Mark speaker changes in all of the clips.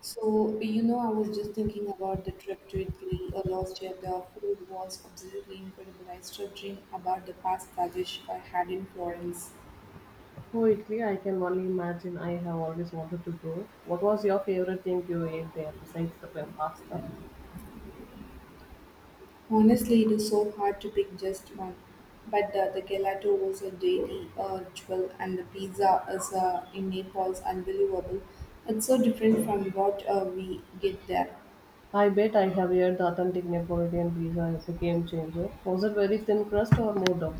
Speaker 1: So, I was just thinking about the trip to Italy last year. The food was absolutely incredible. I still dream about the pasta dish I had in Florence.
Speaker 2: Oh, Italy, I can only imagine. I have always wanted to go. What was your favorite thing you ate there besides the pasta?
Speaker 1: Honestly, it is so hard to pick just one. But the gelato was a daily jewel, and the pizza is in Naples unbelievable. It's so different from what we get there.
Speaker 2: I bet I have heard the authentic Neapolitan pizza is a game changer. Was it very thin crust or more dough?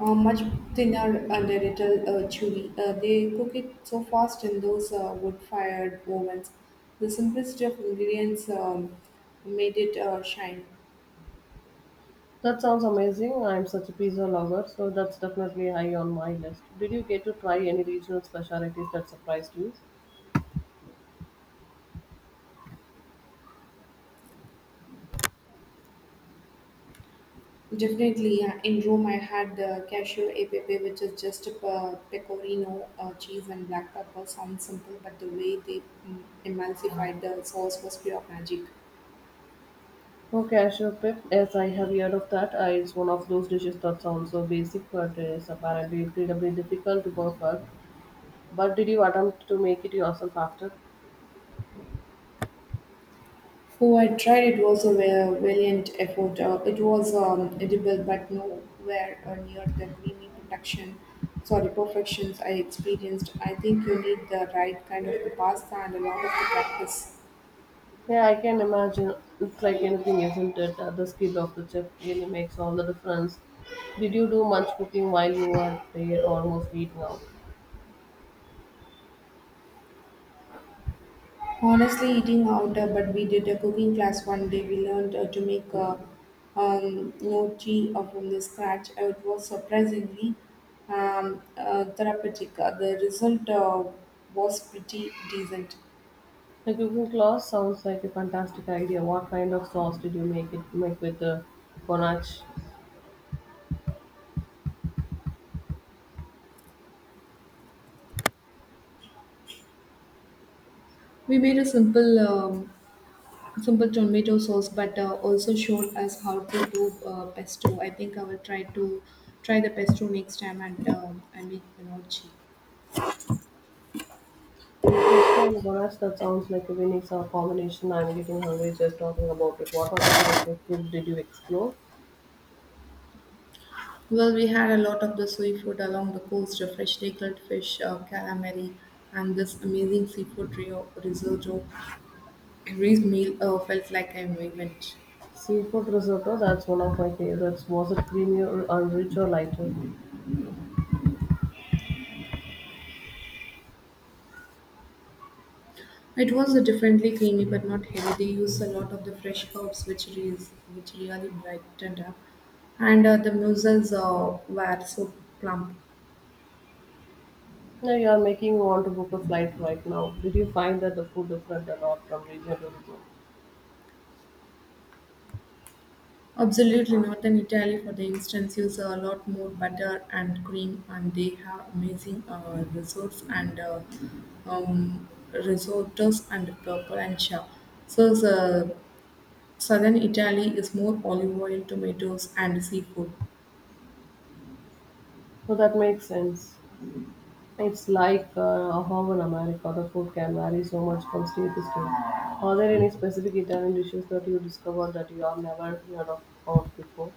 Speaker 1: Much thinner and a little chewy. They cook it so fast in those wood-fired ovens. The simplicity of ingredients made it shine.
Speaker 2: That sounds amazing. I'm such a pizza lover, so that's definitely high on my list. Did you get to try any regional specialties that surprised you?
Speaker 1: Definitely, in Rome I had cashew e pepe, which is just a pecorino cheese and black pepper. Sounds simple, but the way they emulsified the sauce was pure magic.
Speaker 2: Oh, cashew pip. Yes, I have heard of that. It's one of those dishes that sounds so basic, but is apparently incredibly difficult to perfect. But did you attempt to make it yourself after?
Speaker 1: Oh, I tried. It was a valiant effort. It was edible, but nowhere near the creamy protection. Sorry, perfections I experienced. I think you need the right kind of pasta and a lot of practice.
Speaker 2: Yeah, I can imagine. It's like anything, isn't it? The skill of the chef really makes all the difference. Did you do much cooking while you were there or mostly eating out?
Speaker 1: Honestly, eating out, but we did a cooking class one day. We learned to make gnocchi from the scratch. It was surprisingly therapeutic. The result was pretty decent.
Speaker 2: The cooking class sounds like a fantastic idea. What kind of sauce did you make it make with the ganache?
Speaker 1: We made a simple tomato sauce, but also showed us how to do pesto. I think I will try to try the pesto next time and I make the nochi.
Speaker 2: Pesto and ganache, that sounds like a winning sauce combination. I'm getting hungry just talking about it. What other types of food did you explore?
Speaker 1: Well, we had a lot of the seafood along the coast, freshly grilled fish, calamari, and this amazing seafood risotto. Every meal felt like an event.
Speaker 2: Seafood risotto, that's one of my favorites. Was it creamy or rich or lighter?
Speaker 1: It was a differently creamy but not heavy. They used a lot of the fresh herbs, which really brightened up. And the mussels were so plump.
Speaker 2: Now you are making me want to book a flight right now. Did you find that the food different a lot from region to region?
Speaker 1: Absolutely, northern Italy, for the instance, use a lot more butter and cream, and they have amazing resorts and risottos and purple and shaw. So, the southern Italy is more olive oil, tomatoes, and seafood.
Speaker 2: So that makes sense. It's like how in America the food can vary so much from state to state. Are there any specific Italian dishes that you discovered that you have never heard of before?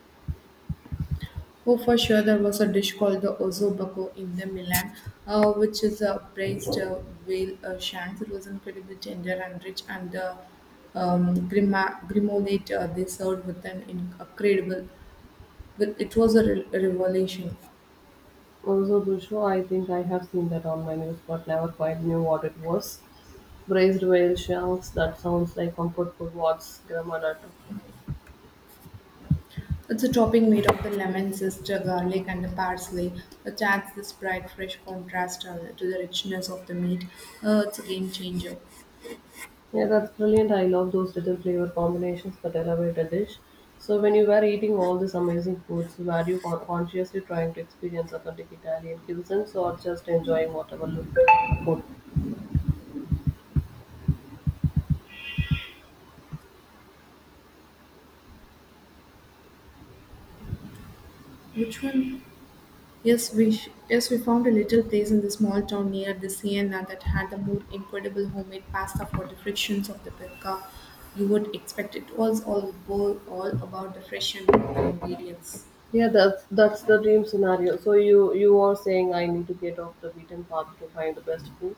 Speaker 1: Oh, for sure, there was a dish called the Osso Buco in the Milan, which is a braised whale shanks. It was incredibly tender and rich, and the grimoire they served with an incredible well, it was a revelation.
Speaker 2: Also, Busho, I think I have seen that on my news, but never quite knew what it was. Braised whale shells, that sounds like comfort food. What's Gramadato?
Speaker 1: It's a topping made of the lemon, zester, garlic, and the parsley, which adds this bright, fresh contrast to the richness of the meat. It's a game changer.
Speaker 2: Yeah, that's brilliant. I love those little flavor combinations that elevate a dish. So, when you were eating all these amazing foods, were you consciously trying to experience authentic Italian cuisines or just enjoying whatever looked good?
Speaker 1: Which one? Yes, yes we found a little place in the small town near the Siena that had the more incredible homemade pasta for the frictions of the pizza you would expect. It was all about the fresh and local ingredients.
Speaker 2: Yeah, that's the dream scenario. So you are saying I need to get off the beaten path to find the best food.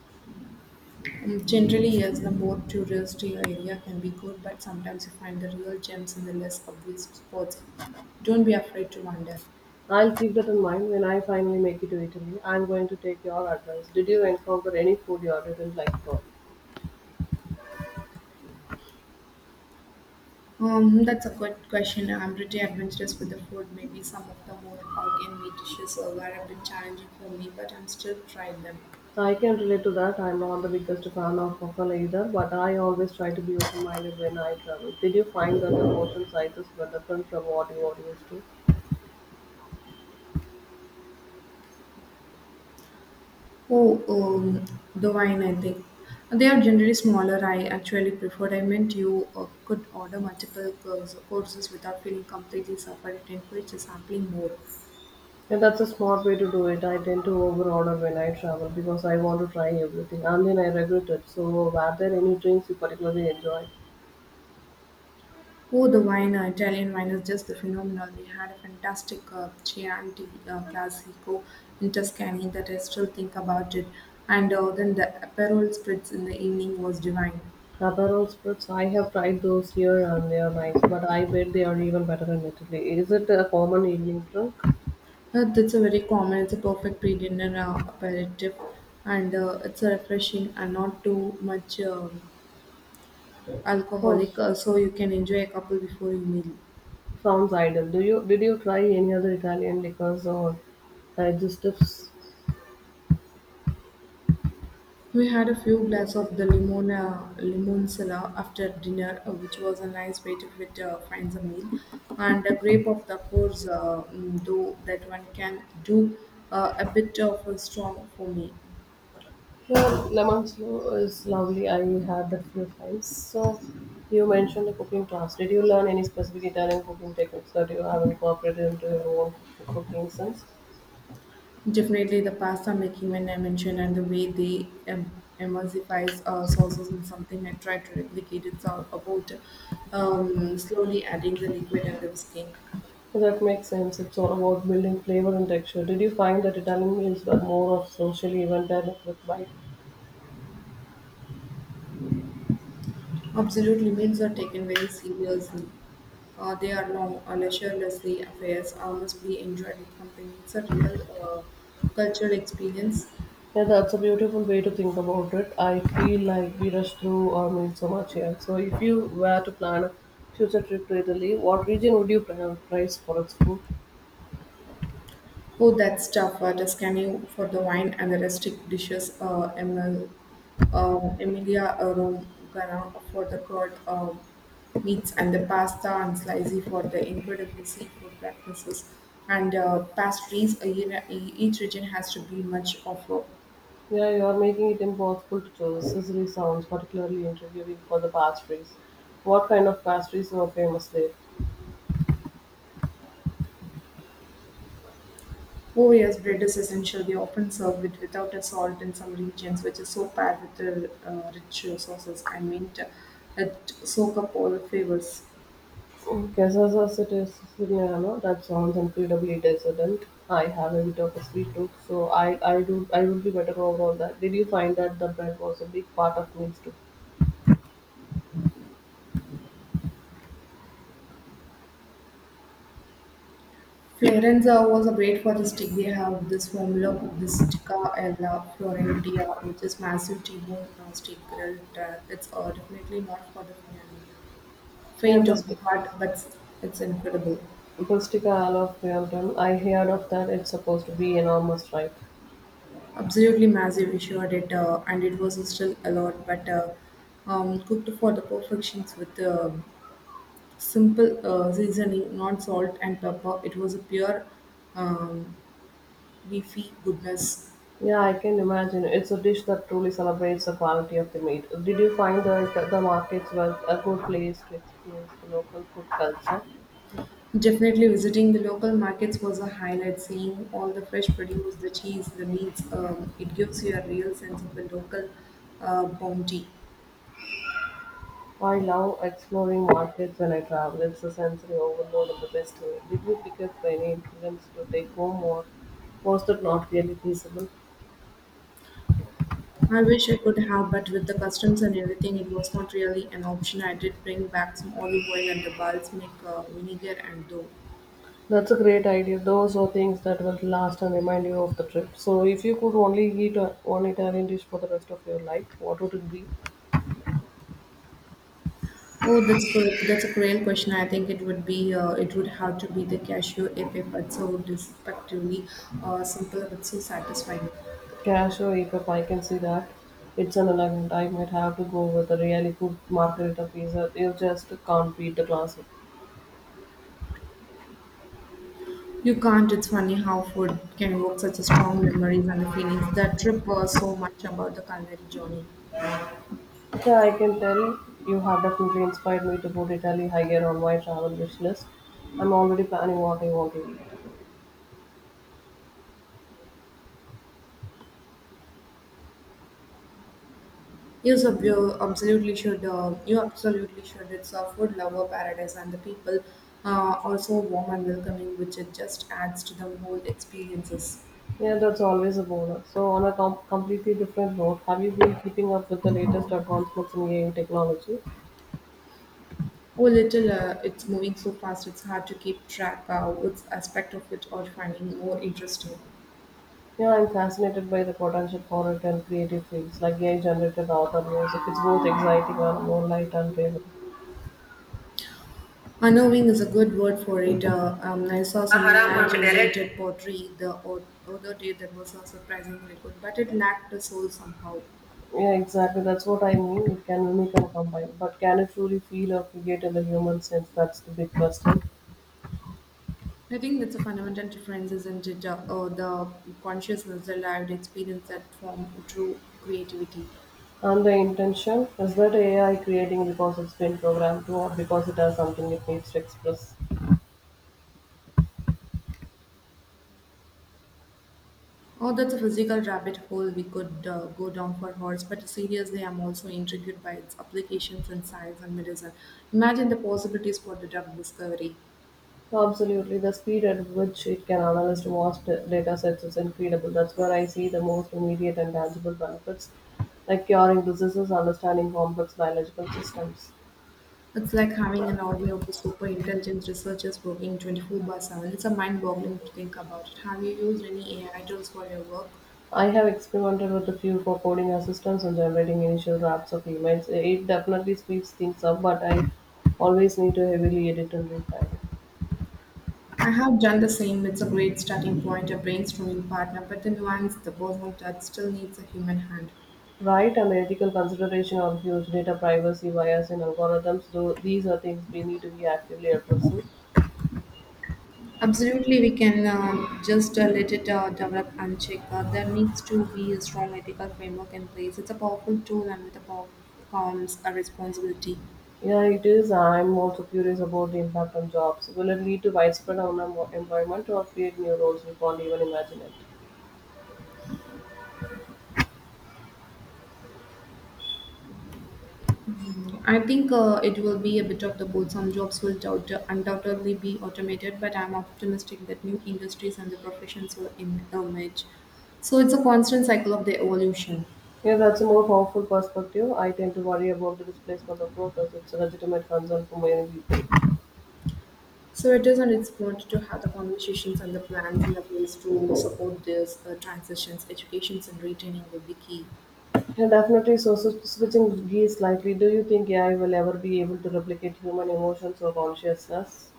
Speaker 1: Generally, yes, the more touristy area can be good, but sometimes you find the real gems in the less obvious spots. Don't be afraid to wander.
Speaker 2: I'll keep that in mind when I finally make it to Italy. I'm going to take your advice. Did you encounter any food you didn't like? At all?
Speaker 1: That's a good question. I'm pretty adventurous with the food. Maybe some of the more organic dishes were a bit challenging for me, but I'm still trying them.
Speaker 2: So, I can relate to that. I'm not the biggest fan of waffle either, but I always try to be open minded when I travel. Did you find that the portion sizes were different from what you are used to?
Speaker 1: Oh, the wine, I think. They are generally smaller. I actually preferred. I meant you could order multiple courses without feeling completely suffered. It encourages sampling more.
Speaker 2: Yeah, that's a smart way to do it. I tend to overorder when I travel because I want to try everything and then I regret it. So, were there any drinks you particularly enjoyed?
Speaker 1: Oh, the wine, Italian wine is just the phenomenal. We had a fantastic Chianti Classico in Tuscany that I still think about it. And then the Aperol spritz in the evening was divine.
Speaker 2: Aperol spritz, I have tried those here and they are nice, but I bet they are even better in Italy. Is it a common evening drink?
Speaker 1: That's a very common. It's a perfect pre-dinner aperitif, and it's a refreshing and not too much
Speaker 2: Oh,
Speaker 1: alcoholic, so you can enjoy a couple before your meal.
Speaker 2: sounds ideal. Do you did you try any other Italian liquors or digestives?
Speaker 1: We had a few glasses of the limon sala after dinner, which was a nice way to fit finds a meal, and a grape of the course, though that one can do a bit of a strong for me.
Speaker 2: Here, lemon slow is lovely. I had that few times. So, you mentioned a cooking class. Did you learn any specific Italian cooking techniques that you have incorporated into your own cooking sense?
Speaker 1: Definitely the pasta making when I mentioned and the way they emulsifies sauces and something I tried to replicate it's all about slowly adding the liquid and the whisking.
Speaker 2: That makes sense. It's all about building flavor and texture. Did you find that Italian meals were more of socially event than a quick bite?
Speaker 1: Absolutely meals are taken very seriously. They are no leisurelessly affairs, must be enjoyed with company. It's a real cultural experience.
Speaker 2: Yeah, that's a beautiful way to think about it. I feel like we rush through our meals so much here. So, if you were to plan a future trip to Italy, what region would you prioritize for its food?
Speaker 1: Oh, that stuff, Tuscany for the wine and the rustic dishes, Emilia Romagna for the curd meats and the pasta, and Slicey for the incredible seafood practices and pastries. Each region has to be much of a.
Speaker 2: Yeah, you are making it impossible to choose. Sicily sounds particularly intriguing for the pastries. What kind of pastries are famous there?
Speaker 1: Oh yes, bread is essential. They often serve it without a salt in some regions, which is so paired with the rich sauces. I mean, it soak up all the flavors.
Speaker 2: Quesadillas is Siciliano. That sounds incredibly decadent. I have a bit of a sweet tooth, so I do I would be better overall that. Did you find that the bread was a big part of meals too?
Speaker 1: Florenza was a great for the stick. They have this formula Kubistica alla Florentia, which is massive T-bone steak grilled. It's definitely not for the faint
Speaker 2: Yeah,
Speaker 1: faint of the
Speaker 2: biscuit.
Speaker 1: heart, but it's incredible.
Speaker 2: Pustica alophiopterum. I heard of that. It's supposed to be enormous, right?
Speaker 1: Absolutely massive, we shared it, and it was still a lot, but cooked for the perfections with simple seasoning, not salt and pepper. It was a pure um, beefy goodness.
Speaker 2: Yeah, I can imagine. It's a dish that truly celebrates the quality of the meat. Did you find that the markets were a good place to experience the local food culture?
Speaker 1: Definitely visiting the local markets was a highlight, seeing all the fresh produce, the cheese, the meats. It gives you a real sense of the local bounty.
Speaker 2: I love exploring markets when I travel. It's a sensory overload in the best way. Did you pick up any ingredients to take home, or was that not really feasible?
Speaker 1: I wish I could have, but with the customs and everything, it was not really an option. I did bring back some olive oil and the bulbs, make vinegar and dough.
Speaker 2: That's a great idea. Those are things that will last and remind you of the trip. So, if you could only eat one Italian dish for the rest of your life, what would it be?
Speaker 1: Oh, that's good. That's a cruel question. I think it would have to be the cashew epe, but so despectively simple but so satisfying.
Speaker 2: Cashew, if I can see that, it's an elegant. I might have to go with a really good margherita pizza. You just can't beat the classic.
Speaker 1: You can't. It's funny how food can evoke such a strong memories and the feelings. That trip was so much about the culinary journey.
Speaker 2: Yeah, I can tell you have definitely inspired me to put Italy higher on my travel wish list. I'm already planning what I want to eat.
Speaker 1: You absolutely should. You absolutely should. It's a food lover paradise, and the people are so warm and welcoming, which it just adds to the whole experiences.
Speaker 2: Yeah, that's always a bonus. So, on a completely different note, have you been keeping up with the latest advancements in AI technology?
Speaker 1: Oh, little! It's moving so fast. It's hard to keep track of which aspect of it are finding more interesting.
Speaker 2: Yeah, I'm fascinated by the potential for it in creative fields like AI generated art and music. It's both exciting and more light and bravery.
Speaker 1: Unknowing is a good word for it. I saw someone Haram pottery the other day that was surprisingly good, but it lacked the soul somehow.
Speaker 2: Yeah, exactly. That's what I mean. It can mimic and combine. But can it truly feel or create in the human sense? That's the big question.
Speaker 1: I think that's a fundamental difference, isn't it? The consciousness, the lived experience that form true creativity.
Speaker 2: And the intention is that AI creating because it's been programmed to or because it has something it needs to express?
Speaker 1: Oh, that's a physical rabbit hole we could go down for hours, but seriously, I'm also intrigued by its applications in science and medicine. Imagine the possibilities for the drug discovery.
Speaker 2: Absolutely. The speed at which it can analyze vast data sets is incredible. That's where I see the most immediate and tangible benefits, like curing diseases, understanding complex biological systems.
Speaker 1: It's like having an army of the super intelligent researchers working 24 by 7. It's a mind boggling to think about it. Have you used any AI tools for your work?
Speaker 2: I have experimented with a few for coding assistants and generating initial drafts of emails. It definitely speeds things up, but I always need to heavily edit and refine.
Speaker 1: I have done the same. It's a great starting point, a brainstorming partner, but the nuance, the personal touch still needs a human hand.
Speaker 2: Right and ethical consideration of huge data privacy bias in algorithms, though these are things we need to be actively addressing.
Speaker 1: Absolutely, we can just let it develop and check. There needs to be a strong ethical framework in place. It's a powerful tool, and with a power comes a responsibility.
Speaker 2: Yeah, it is. I'm also curious about the impact on jobs. Will it lead to widespread unemployment or create new roles we can't even imagine it?
Speaker 1: I think it will be a bit of the both. Some jobs will undoubtedly be automated, but I'm optimistic that new industries and the professions will emerge. So it's a constant cycle of the evolution.
Speaker 2: Yeah, that's a more powerful perspective. I tend to worry about the displacement of workers. It's a legitimate concern for many people.
Speaker 1: So it is, and it's important to have the conversations and the plans in the place to support these transitions. Educations and retaining will be key.
Speaker 2: Yeah, definitely. So, so switching gears slightly, do you think AI will ever be able to replicate human emotions or consciousness?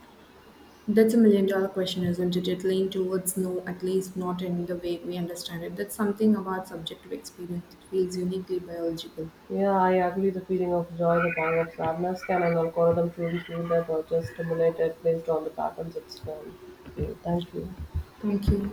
Speaker 1: That's a million dollar question, isn't it? It lean towards no, at least not in the way we understand it. That's something about subjective experience that feels uniquely biological.
Speaker 2: Yeah, I agree. The feeling of joy, the pang of sadness, can an algorithm truly feel that or just stimulate it based on the patterns it's learned? Okay, thank you.
Speaker 1: Thank you.